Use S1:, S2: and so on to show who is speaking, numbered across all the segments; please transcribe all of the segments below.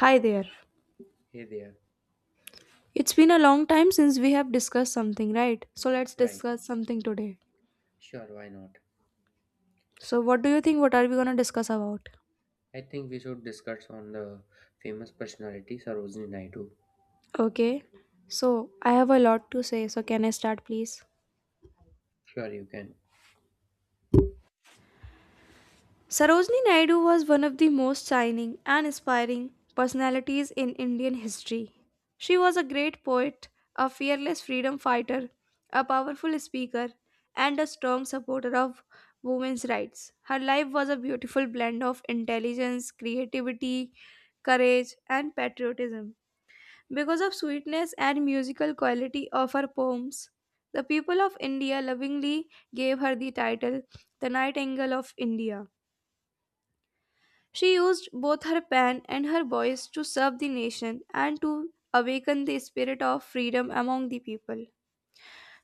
S1: Hi there.
S2: Hey there.
S1: It's been a long time since we have discussed something, right? So let's
S2: Right.
S1: discuss something today.
S2: Sure, why not?
S1: So, what do you think? What are we gonna discuss about?
S2: I think we should discuss on the famous personality Sarojini Naidu.
S1: Okay. So, I have a lot to say. So, can I start, please?
S2: Sure, you can.
S1: Sarojini Naidu was one of the most shining and inspiring personalities in Indian history. She was a great poet, a fearless freedom fighter, a powerful speaker, and a strong supporter of women's rights. Her life was a beautiful blend of intelligence, creativity, courage, and patriotism. Because of sweetness and musical quality of her poems, the people of India lovingly gave her the title the Nightingale of India. She used both her pen and her voice to serve the nation and to awaken the spirit of freedom among the people.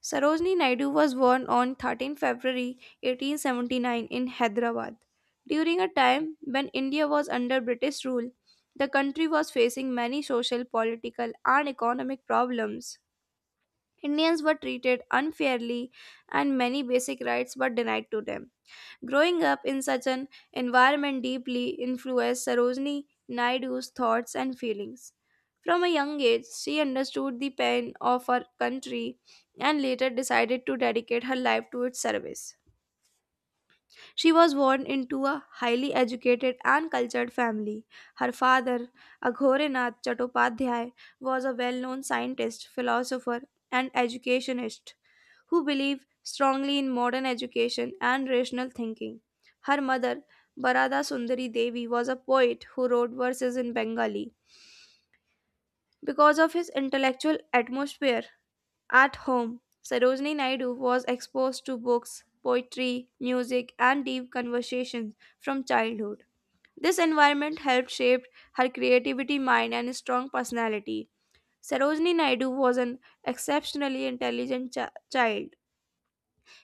S1: Sarojini Naidu was born on 13 February 1879 in Hyderabad. During a time when India was under British rule, the country was facing many social, political, and economic problems. Indians were treated unfairly, and many basic rights were denied to them. Growing up in such an environment deeply influenced Sarojini Naidu's thoughts and feelings. From a young age, she understood the pain of her country and later decided to dedicate her life to its service. She was born into a highly educated and cultured family. Her father, Aghorenath Chattopadhyay, was a well known scientist, philosopher, and educationist who believe strongly in modern education and rational thinking. Her mother, Barada Sundari Devi, was a poet who wrote verses in Bengali. Because of his intellectual atmosphere at home, Sarojini Naidu was exposed to books, poetry, music, and deep conversations from childhood. This environment helped shape her creativity, mind, and strong personality. Sarojini Naidu was an exceptionally intelligent child.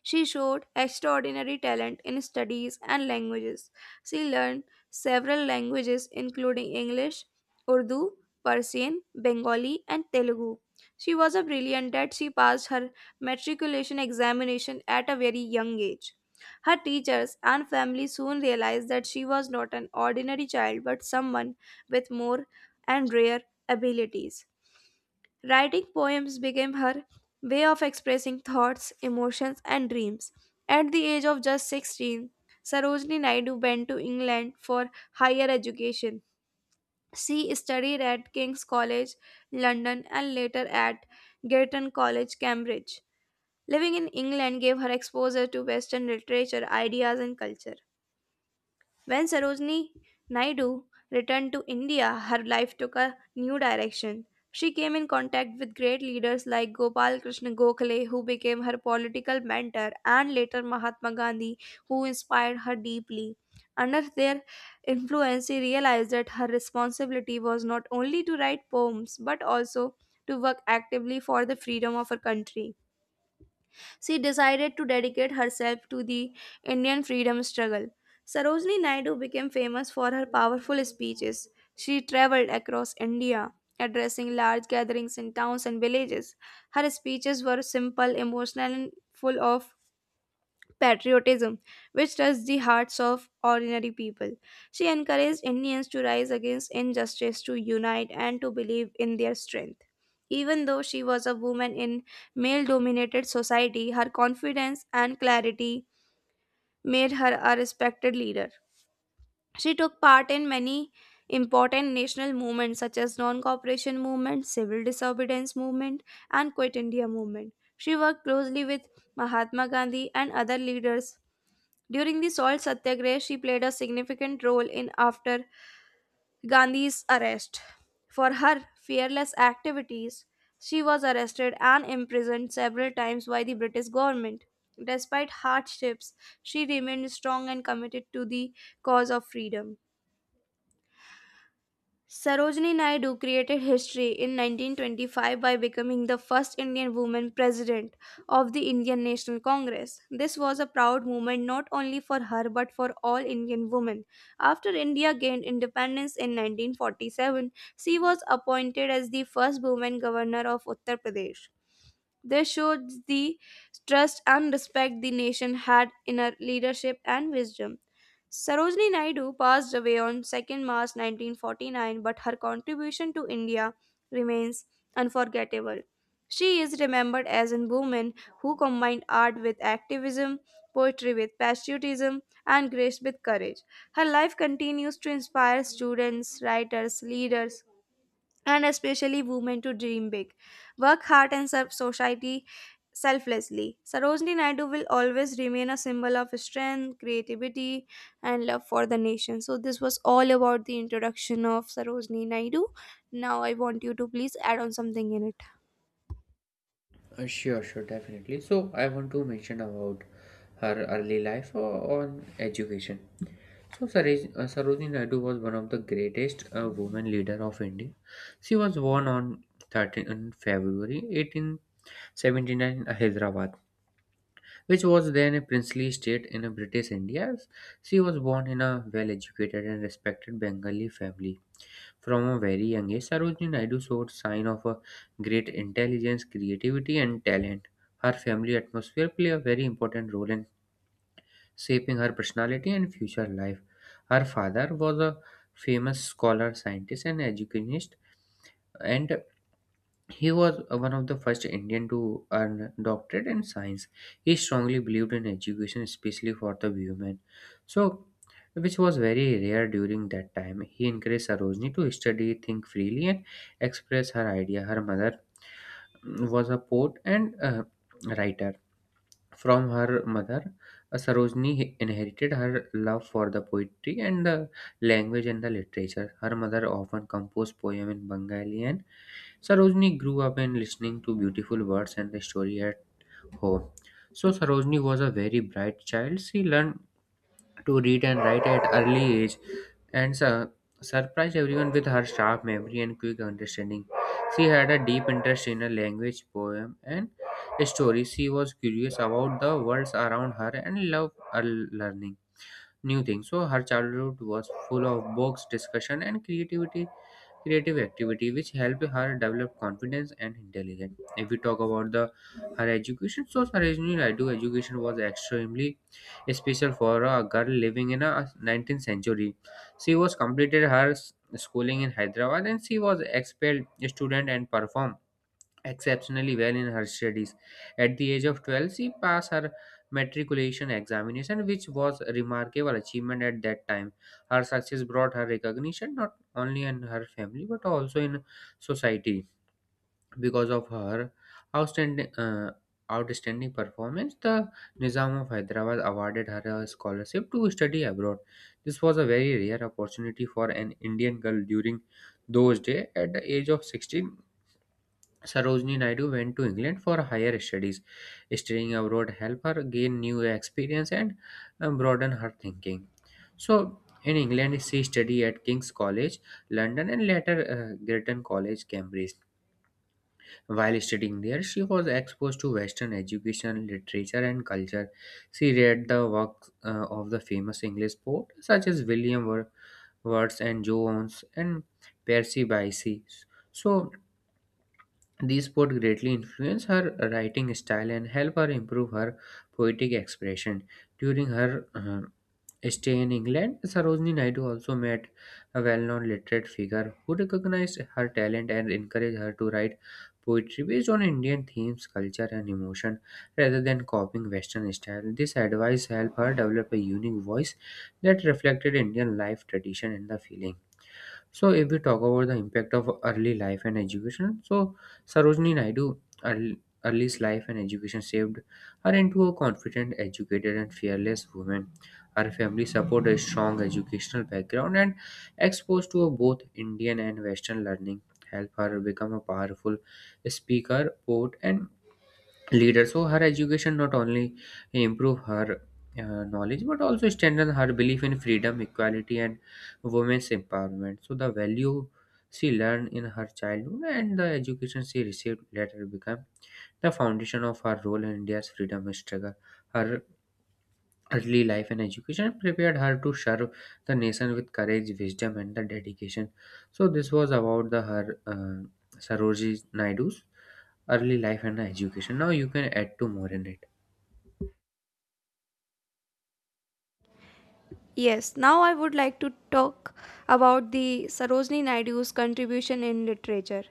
S1: She showed extraordinary talent in studies and languages. She learned several languages, including English, Urdu, Persian, Bengali, and Telugu. She was a brilliant that she passed her matriculation examination at a very young age. Her teachers and family soon realized that she was not an ordinary child but someone with more and rare abilities. Writing poems became her way of expressing thoughts, emotions, and dreams. At the age of just 16, Sarojini Naidu went to England for higher education. She studied at King's College, London, and later at Girton College, Cambridge. Living in England gave her exposure to Western literature, ideas, and culture. When Sarojini Naidu returned to India, her life took a new direction. She came in contact with great leaders like Gopal Krishna Gokhale, who became her political mentor, and later Mahatma Gandhi, who inspired her deeply. Under their influence, she realized that her responsibility was not only to write poems but also to work actively for the freedom of her country. She decided to dedicate herself to the Indian freedom struggle. Sarojini Naidu became famous for her powerful speeches. She traveled across India, addressing large gatherings in towns and villages. Her speeches were simple, emotional, and full of patriotism, which touched the hearts of ordinary people. She encouraged Indians to rise against injustice, to unite, and to believe in their strength. Even though she was a woman in male dominated society, her confidence and clarity made her a respected leader. She took part in many important national movements such as non-cooperation movement, civil disobedience movement, and Quit India movement. She worked closely with Mahatma Gandhi and other leaders. During the salt satyagraha, she played a significant role in after Gandhi's arrest. For her fearless activities, she was arrested and imprisoned several times by the British government. Despite hardships, she remained strong and committed to the cause of freedom. Sarojini Naidu created history in 1925 by becoming the first Indian woman president of the Indian National Congress. This was a proud moment not only for her but for all Indian women. After India gained independence in 1947, she was appointed as the first woman governor of Uttar Pradesh. This showed the trust and respect the nation had in her leadership and wisdom. Sarojini Naidu passed away on 2nd March 1949, but her contribution to India remains unforgettable. She is remembered as a woman who combined art with activism, poetry with patriotism, and grace with courage. Her life continues to inspire students, writers, leaders, and especially women to dream big, work hard, and serve society selflessly. Sarojini Naidu will always remain a symbol of strength, creativity, and love for the nation. So, this was all about the introduction of Sarojini Naidu. Now, I want you to please add on something in it.
S2: Sure, definitely. So, I want to mention about her early life or on education. So, Sarojini Naidu was one of the greatest women leader of India. She was born on 13 February 1879 in Hyderabad, which was then a princely state in a British India. She was born in a well educated and respected Bengali family. From a very young age, Sarojini Naidu showed signs of a great intelligence, creativity, and talent. Her family atmosphere played a very important role in shaping her personality and future life. Her father was a famous scholar, scientist, and educationist, and he was one of the first Indian to earn doctorate in science. He strongly believed in education, especially for the women, so which was very rare during that time. He encouraged Sarojini to study, think freely, and express her idea. Her mother was a poet and writer. From her mother, Sarojini inherited her love for the poetry and the language and the literature. Her mother often composed poems in Bengali, and Sarojini grew up in listening to beautiful words and the story at home. So Sarojini was a very bright child. She learned to read and write at early age and surprised everyone with her sharp memory and quick understanding. She had a deep interest in a language, poem, and stories. She was curious about the worlds around her and loved learning new things. So her childhood was full of books, discussion, and creative activity, which helped her develop confidence and intelligence. If we talk about the her education, so Sarojini Naidu education was extremely special for a girl living in a 19th century. She was completed her schooling in Hyderabad, and she was expelled student and performed exceptionally well in her studies. At the age of 12, she passed her matriculation examination, which was a remarkable achievement at that time. Her success brought her recognition not only in her family but also in society. Because of her outstanding, uh, outstanding performance, the Nizam of Hyderabad awarded her a scholarship to study abroad. This was a very rare opportunity for an Indian girl during those days. At the age of 16, Sarojini Naidu went to England for higher studies. Studying abroad helped her gain new experience and broaden her thinking. So, in England, she studied at King's College, London, and later Girton College, Cambridge. While studying there, she was exposed to Western education, literature, and culture. She read the works of the famous English poets such as William Wordsworth and Jones and Percy Bysshe. So, these poets greatly influence her writing style and help her improve her poetic expression. During her stay in England, Sarojini Naidu also met a well-known literate figure who recognized her talent and encouraged her to write poetry based on Indian themes, culture, and emotion rather than copying Western style. This advice helped her develop a unique voice that reflected Indian life, tradition, and the feeling. So if we talk about the impact of early life and education, so Sarojini Naidu, early, early's life and education shaped her into a confident, educated, and fearless woman. Her family supported a strong educational background and exposed to both Indian and Western learning helped her become a powerful speaker, poet, and leader. So her education not only improve her knowledge but also strengthen her belief in freedom equality and women's empowerment. So the value she learned in her childhood and the education she received later become the foundation of her role in India's freedom struggle. Her early life and education prepared her to serve the nation with courage, wisdom, and the dedication. So this was about the her saroji naidu's early life and education. Now you can add to more in it.
S1: Yes, now I would like to talk about the Sarojini Naidu's contribution in literature.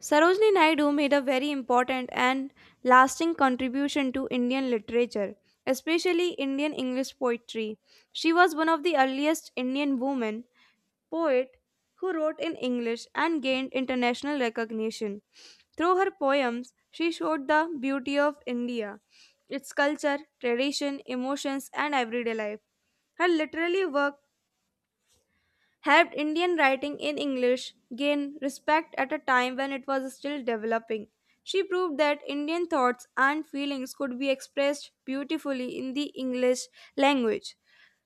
S1: Sarojini Naidu made a very important and lasting contribution to Indian literature, especially Indian English poetry. She was one of the earliest Indian women poet who wrote in English and gained international recognition. Through her poems, she showed the beauty of India, its culture, tradition, emotions, and everyday life. Her literary work helped Indian writing in English gain respect at a time when it was still developing. She proved that Indian thoughts and feelings could be expressed beautifully in the English language.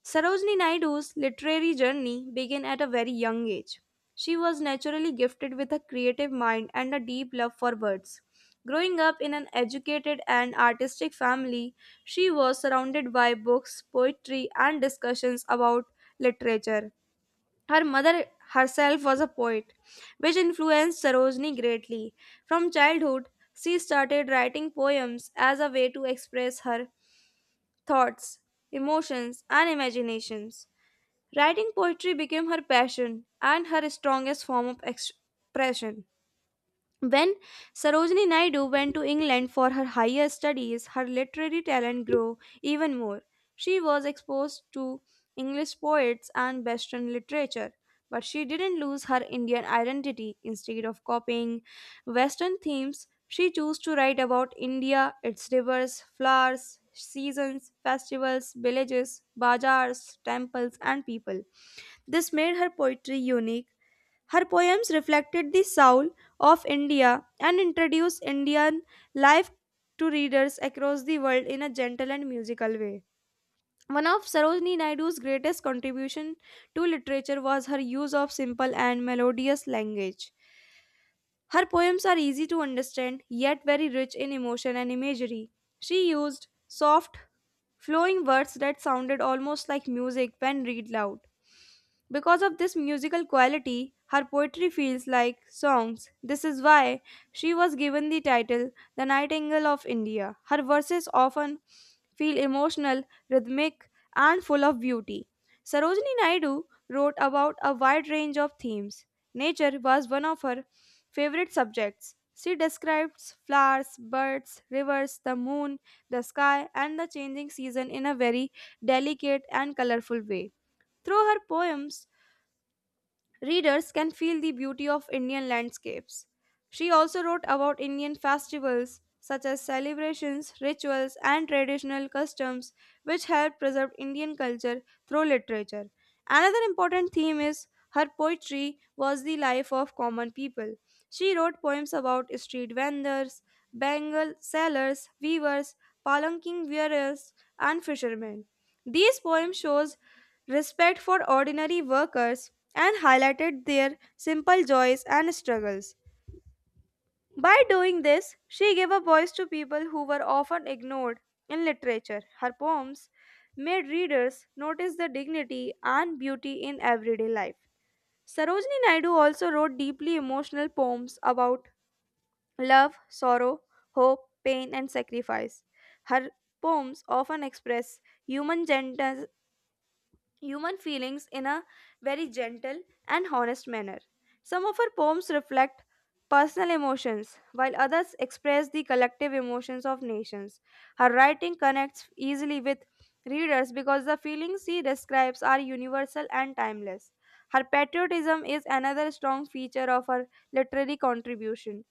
S1: Sarojini Naidu's literary journey began at a very young age. She was naturally gifted with a creative mind and a deep love for words. Growing up in an educated and artistic family, she was surrounded by books, poetry, and discussions about literature. Her mother herself was a poet, which influenced Sarojini greatly. From childhood, she started writing poems as a way to express her thoughts, emotions, and imaginations. Writing poetry became her passion and her strongest form of expression. When Sarojini Naidu went to England for her higher studies, her literary talent grew even more. She was exposed to English poets and Western literature, but she didn't lose her Indian identity. Instead of copying Western themes, she chose to write about India, its rivers, flowers, seasons, festivals, villages, bazaars, temples, and people. This made her poetry unique. Her poems reflected the soul of India and introduced Indian life to readers across the world in a gentle and musical way. One of Sarojini Naidu's greatest contribution to literature was her use of simple and melodious language. Her poems are easy to understand yet very rich in emotion and imagery. She used soft flowing words that sounded almost like music when read loud. Because of this musical quality, her poetry feels like songs. This is why she was given the title The Nightingale of India. Her verses often feel emotional, rhythmic, and full of beauty. Sarojini Naidu wrote about a wide range of themes. Nature was one of her favorite subjects. She describes flowers, birds, rivers, the moon, the sky, and the changing season in a very delicate and colorful way. Through her poems, readers can feel the beauty of Indian landscapes. She also wrote about Indian festivals such as celebrations, rituals, and traditional customs, which help preserve Indian culture through literature. Another important theme is her poetry was the life of common people. She wrote poems about street vendors, bangle sellers, weavers, palanquin wearers, and fishermen. These poems shows respect for ordinary workers, and highlighted their simple joys and struggles. By doing this, she gave a voice to people who were often ignored in literature. Her poems made readers notice the dignity and beauty in everyday life. Sarojini Naidu also wrote deeply emotional poems about love, sorrow, hope, pain, and sacrifice. Her poems often express human gentleness human feelings in a very gentle and honest manner. Some of her poems reflect personal emotions, while others express the collective emotions of nations. Her writing connects easily with readers because the feelings she describes are universal and timeless. Her patriotism is another strong feature of her literary contribution.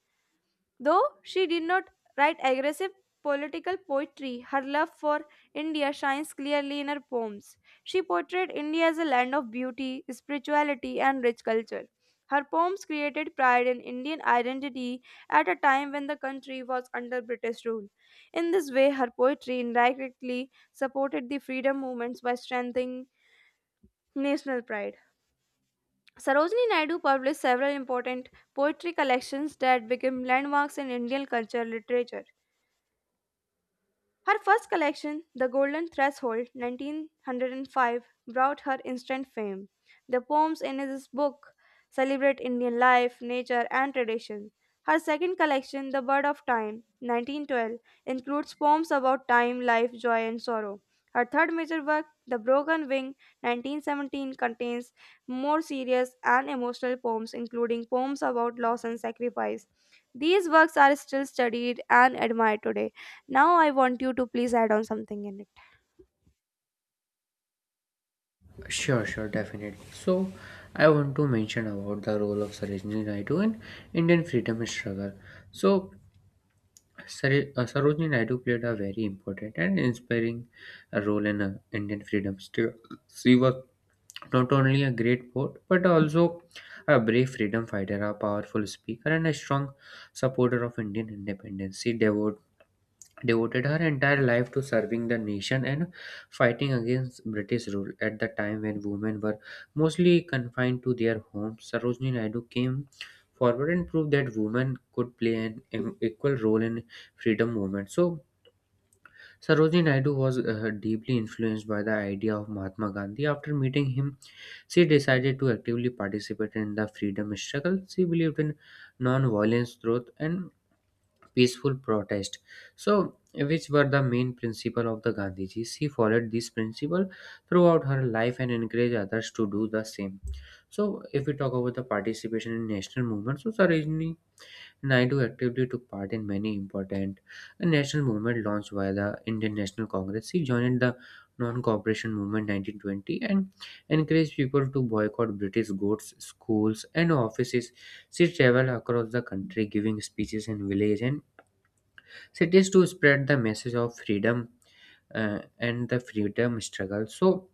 S1: Though she did not write aggressive political poetry, her love for India shines clearly in her poems. She portrayed India as a land of beauty, spirituality, and rich culture. Her poems created pride in Indian identity at a time when the country was under British rule. In this way, her poetry indirectly supported the freedom movements by strengthening national pride. Sarojini Naidu published several important poetry collections that became landmarks in Indian culture literature. Her first collection, The Golden Threshold, 1905, brought her instant fame. The poems in this book celebrate Indian life, nature, and tradition. Her second collection, The Bird of Time, 1912, includes poems about time, life, joy, and sorrow. Her third major work, The Broken Wing, 1917, contains more serious and emotional poems, including poems about loss and sacrifice. These works are still studied and admired today. Now I want you to please add on something in it.
S2: Sure, sure, definitely. So, I want to mention about the role of Sarojini Naidu in Indian freedom struggle. So, Sarojini Naidu played a very important and inspiring role in Indian freedom struggle. She was not only a great poet but also a brave freedom fighter, a powerful speaker, and a strong supporter of Indian independence. She devoted her entire life to serving the nation and fighting against British rule. At the time when women were mostly confined to their homes, Sarojini Naidu came forward and proved that women could play an equal role in freedom movement. So Sarojini Naidu was deeply influenced by the idea of Mahatma Gandhi. After meeting him, she decided to actively participate in the freedom struggle. She believed in non-violence, truth, and peaceful protest. So, which were the main principle of the Gandhiji? She followed this principle throughout her life and encouraged others to do the same. So, if we talk about the participation in national movements, so Sarojini Naidu actively took part in many important national movements launched by the Indian National Congress. She joined the non-cooperation movement 1920 and encouraged people to boycott British goods, schools, and offices. She traveled across the country giving speeches in villages and cities to spread the message of freedom and the freedom struggle. So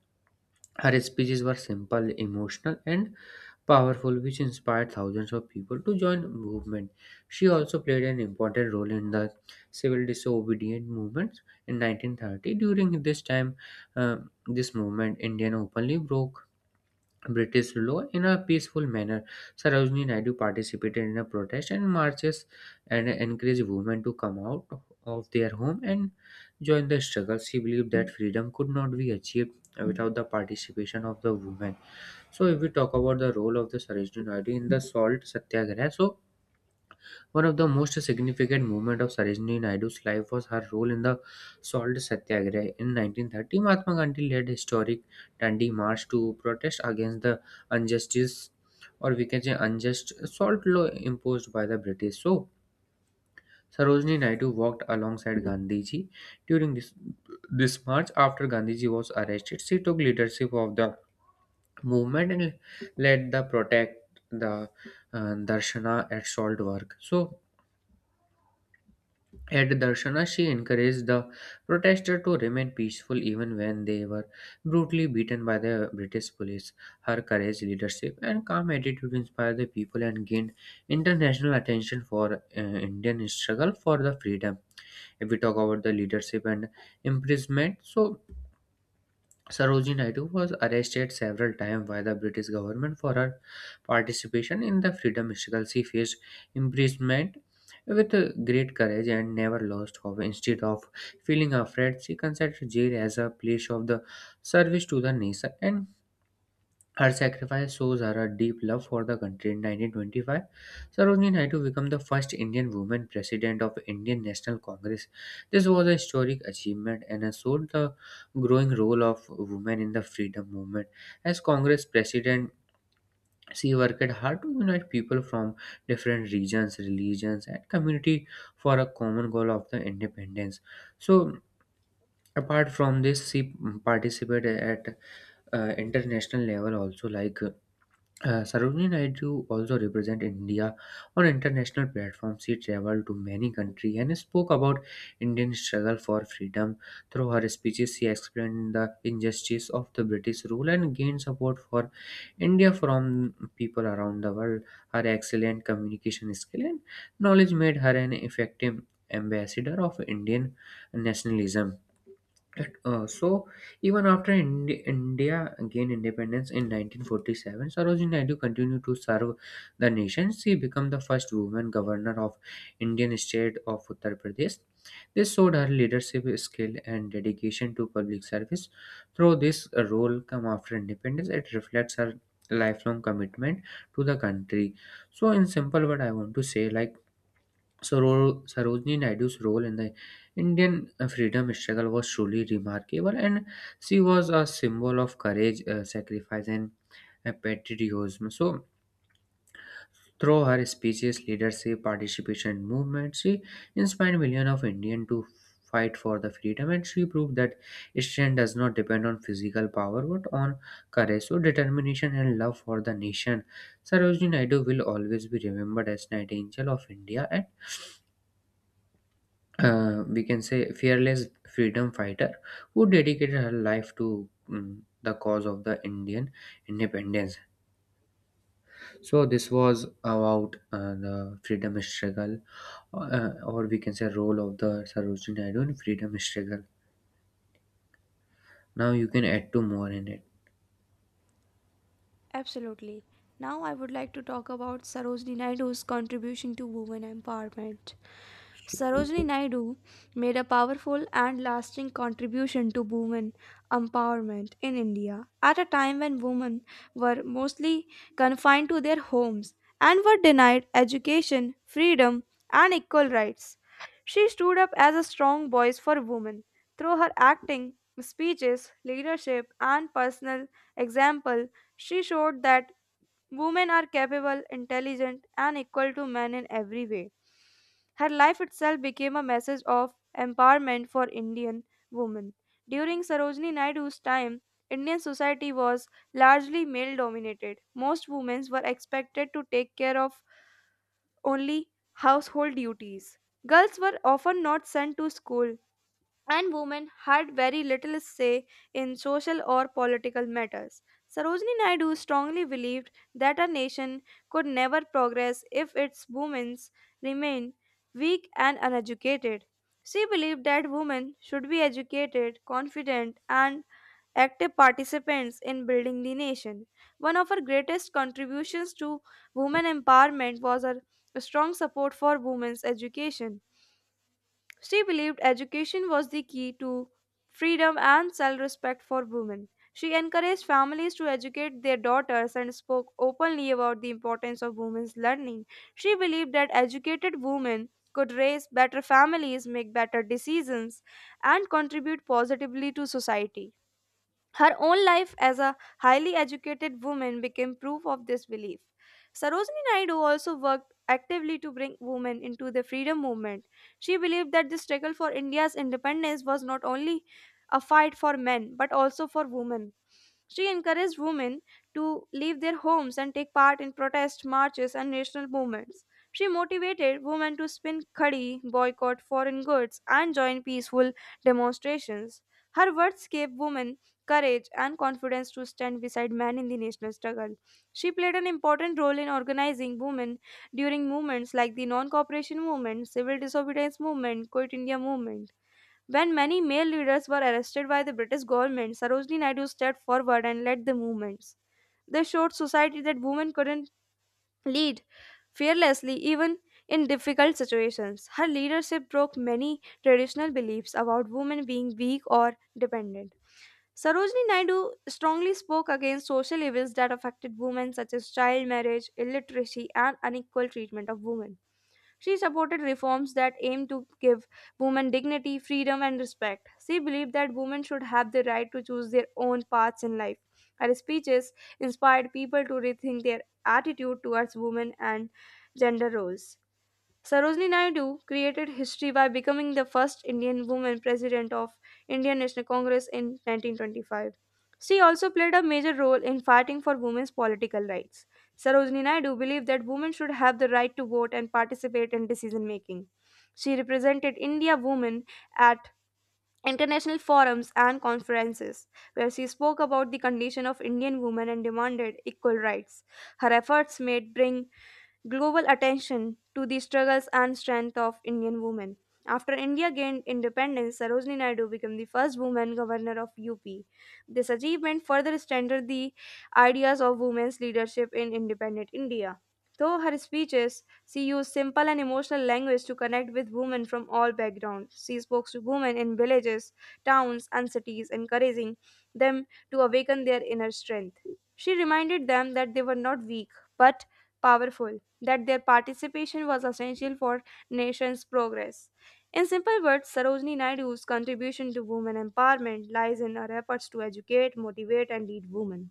S2: her speeches were simple, emotional, and powerful, which inspired thousands of people to join the movement. She also played an important role in the civil disobedience movement in 1930. During uh, this movement, Indian openly broke British law in a peaceful manner. Sarojini Naidu participated in a protest and marches and encouraged women to come out of their home and join the struggle. She believed that freedom could not be achieved without the participation of the women. So, if we talk about the role of the Sarojini Naidu in the salt satyagraha, so one of the most significant moments of Sarojini Naidu's life was her role in the Salt Satyagraha. In 1930, Mahatma Gandhi led a historic Dandi March to protest against the injustice, or we can say unjust salt law imposed by the British. So, Sarojini Naidu walked alongside Gandhiji during this march. After Gandhiji was arrested, she took leadership of the movement and led the protect the Darshana at Salt work. So, at Darshana, she encouraged the protesters to remain peaceful even when they were brutally beaten by the British police. Her courage, leadership, and calm attitude inspired the people and gained international attention for Indian struggle for the freedom. If we talk about the leadership and imprisonment, so Sarojini Naidu was arrested several times by the British government for her participation in the freedom struggle. She faced imprisonment with great courage and never lost hope. Instead of feeling afraid, she considered jail as a place of the service to the nation, and her sacrifice shows her a deep love for the country. In 1925, Sarojini Naidu became the first Indian woman president of Indian National Congress. This was a historic achievement and showed the growing role of women in the freedom movement. As Congress president, she worked hard to unite people from different regions, religions, and community for a common goal of the independence. So, apart from this, she participated at international level also. Like Sarojini Naidu also represent India on international platforms. She traveled to many countries and spoke about Indian struggle for freedom. Through her speeches, she explained the injustice of the British rule and gained support for India from people around the world. Her excellent communication skill and knowledge made her an effective ambassador of Indian nationalism. Right. So even after India gained independence in 1947, Sarojini Naidu continued to serve the nation. She became the first woman governor of Indian state of Uttar Pradesh. This showed her leadership skill and dedication to public service. Through this role come after independence, it reflects her lifelong commitment to the country. So in simple word, I want to say, like, Sarojini Naidu's role in the Indian freedom struggle was truly remarkable, and she was a symbol of courage, sacrifice, and patriotism. So, through her speeches, leadership, participation, and movement, she inspired millions of Indians to fight for the freedom, and she proved that strength does not depend on physical power but on courage, so determination, and love for the nation. Sarojini Naidu will always be remembered as Nightingale of India, and we can say fearless freedom fighter who dedicated her life to the cause of the Indian independence. So this was about the freedom struggle, or we can say role of the Sarojini Naidu in freedom struggle. Now you can add two more in it.
S1: Absolutely. Now I would like to talk about Sarojini Naidu's contribution to women empowerment. Sarojini Naidu made a powerful and lasting contribution to women empowerment in India at a time when women were mostly confined to their homes and were denied education, freedom, and equal rights. She stood up as a strong voice for women through her acting, speeches, leadership, and personal example. She showed that women are capable, intelligent, and equal to men in every way. Her life itself became a message of empowerment for Indian women. During Sarojini Naidu's time, Indian society was largely male dominated. Most women were expected to take care of only household duties. Girls were often not sent to school and women had very little say in social or political matters. Sarojini Naidu strongly believed that a nation could never progress if its women remained weak and uneducated. She believed that women should be educated, confident, and active participants in building the nation. One of her greatest contributions to women empowerment was her strong support for women's education. She believed education was the key to freedom and self respect for women. She encouraged families to educate their daughters and spoke openly about the importance of women's learning. She believed that educated women could raise better families, make better decisions, and contribute positively to society. Her own life as a highly educated woman became proof of this belief. Sarojini Naidu also worked actively to bring women into the freedom movement. She believed that the struggle for India's independence was not only a fight for men but also for women. She encouraged women to leave their homes and take part in protest marches and national movements. She motivated women to spin khadi, boycott foreign goods, and join peaceful demonstrations. Her words gave women courage, and confidence to stand beside men in the national struggle. She played an important role in organizing women during movements like the non-cooperation movement, civil disobedience movement, Quit India movement. When many male leaders were arrested by the British government, Sarojini Naidu stepped forward and led the movements. They showed society that women couldn't lead fearlessly even in difficult situations. Her leadership broke many traditional beliefs about women being weak or dependent. Sarojini Naidu strongly spoke against social evils that affected women, such as child marriage, illiteracy, and unequal treatment of women. She supported reforms that aimed to give women dignity, freedom, and respect. She believed that women should have the right to choose their own paths in life. Her speeches inspired people to rethink their attitude towards women and gender roles. Sarojini Naidu created history by becoming the first Indian woman president of Indian National Congress in 1925. She also played a major role in fighting for women's political rights. Sarojini Naidu believed that women should have the right to vote and participate in decision making. She represented India women at international forums and conferences where she spoke about the condition of Indian women and demanded equal rights. Her efforts made bring global attention to the struggles and strength of Indian women. After India gained independence, Sarojini Naidu became the first woman governor of UP. This achievement further strengthened the ideas of women's leadership in independent India. Through her speeches, she used simple and emotional language to connect with women from all backgrounds. She spoke to women in villages, towns, and cities, encouraging them to awaken their inner strength. She reminded them that they were not weak, but powerful that their participation was essential for nation's progress. In simple words, Sarojini Naidu's contribution to women empowerment lies in her efforts to educate, motivate, and lead women.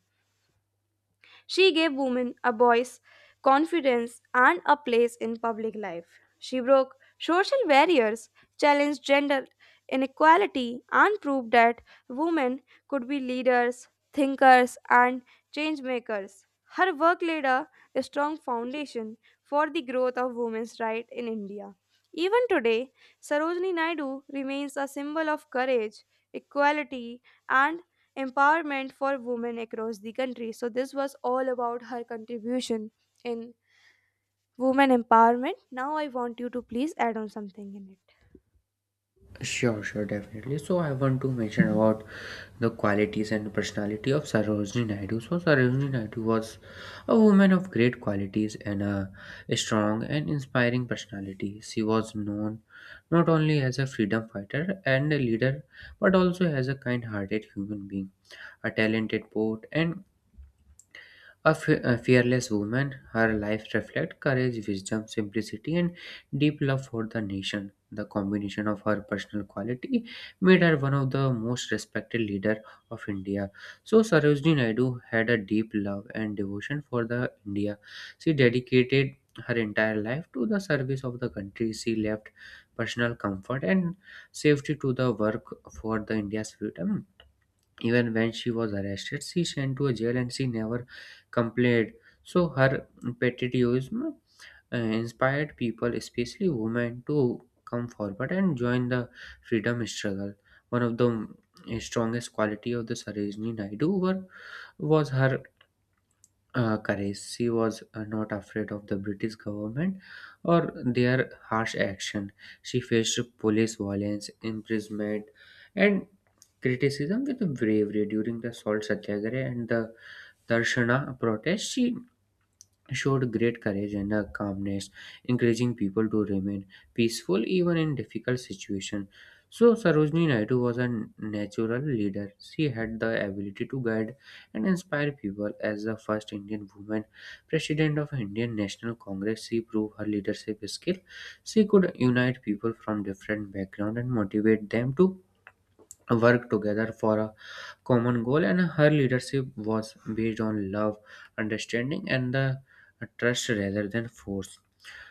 S1: She gave women a voice, confidence, and a place in public life. She broke social barriers, challenged gender inequality, and proved that women could be leaders, thinkers, and change makers. Her work laid a strong foundation for the growth of women's rights in India. Even today, Sarojini Naidu remains a symbol of courage, equality, and empowerment for women across the country. So this was all about her contribution in women empowerment. Now I want you to please add on something in it.
S2: Sure, sure, definitely. So I want to mention about the qualities and personality of Sarojini Naidu. So, Sarojini Naidu was a woman of great qualities and a strong and inspiring personality. She was known not only as a freedom fighter and a leader, but also as a kind hearted human being, a talented poet, and a fearless woman. Her life reflects courage, wisdom, simplicity, and deep love for the nation. The combination of her personal quality made her one of the most respected leader of India. So Sarojini Naidu had a deep love and devotion for the India. She dedicated her entire life to the service of the country. She left personal comfort and safety to the work for the India's freedom. Even when she was arrested, she sent to a jail and she never complained. So her patriotism inspired people, especially women, to come forward and join the freedom struggle. One of the strongest quality of the Sarojini Naidu was her courage. She was not afraid of the British government or their harsh action. She faced police violence, imprisonment, and criticism with bravery during the Salt Satyagraha and the Darshana protest. She showed great courage and calmness, encouraging people to remain peaceful even in difficult situations. So Sarojini Naidu was a natural leader. She had the ability to guide and inspire people. As the first Indian woman president of Indian National Congress, she proved her leadership skill. She could unite people from different backgrounds and motivate them to worked together for a common goal, and her leadership was based on love, understanding, and the trust rather than force.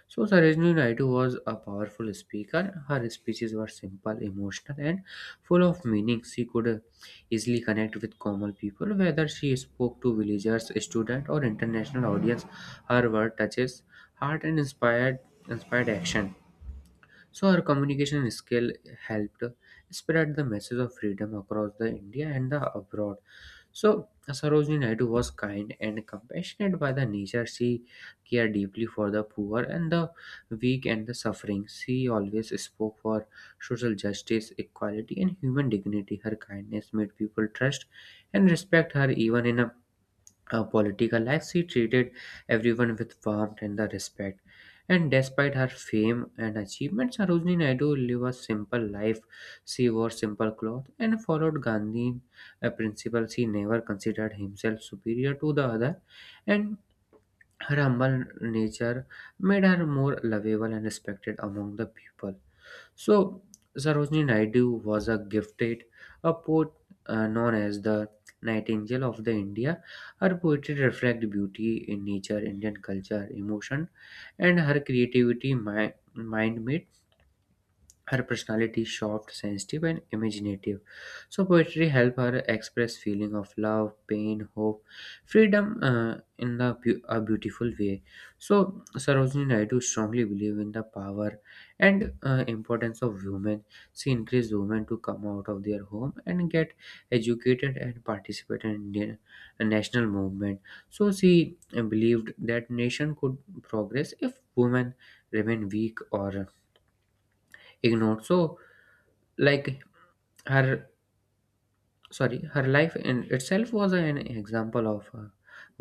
S2: So, Sarojini Naidu was a powerful speaker. Her speeches were simple, emotional, and full of meaning. She could easily connect with common people, whether she spoke to villagers, students, or international audience. Her word touches heart and inspired action. So her communication skill helped spread the message of freedom across the India and the abroad. So Sarojini Naidu was kind and compassionate by the nature. She cared deeply for the poor and the weak and the suffering. She always spoke for social justice, equality, and human dignity. Her kindness made people trust and respect her. Even in a her political life, she treated everyone with warmth and the respect. And despite her fame and achievements, Sarojini Naidu lived a simple life. She wore simple clothes and followed Gandhi, a principle. She never considered himself superior to the other. And her humble nature made her more lovable and respected among the people. So, Sarojini Naidu was a gifted a poet, known as the Nightingale of the India. Her poetry reflects beauty in nature, Indian culture, emotion, and her creativity mind-made her personality is soft, sensitive, and imaginative. So poetry helped her express feeling of love, pain, hope, freedom, in a beautiful way. So Sarojini Naidu strongly believed in the power and importance of women. She encouraged women to come out of their home and get educated and participate in Indian national movement. So she believed that nation could progress if women remain weak or ignored. So, like her her life in itself was an example of a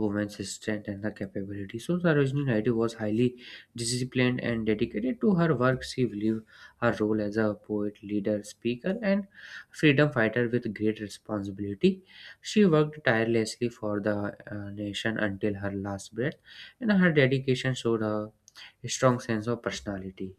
S2: woman's strength and her capability. So Sarojini Naidu was highly disciplined and dedicated to her work. She believed her role as a poet, leader, speaker, and freedom fighter with great responsibility. She worked tirelessly for the nation until her last breath, and her dedication showed a strong sense of personality.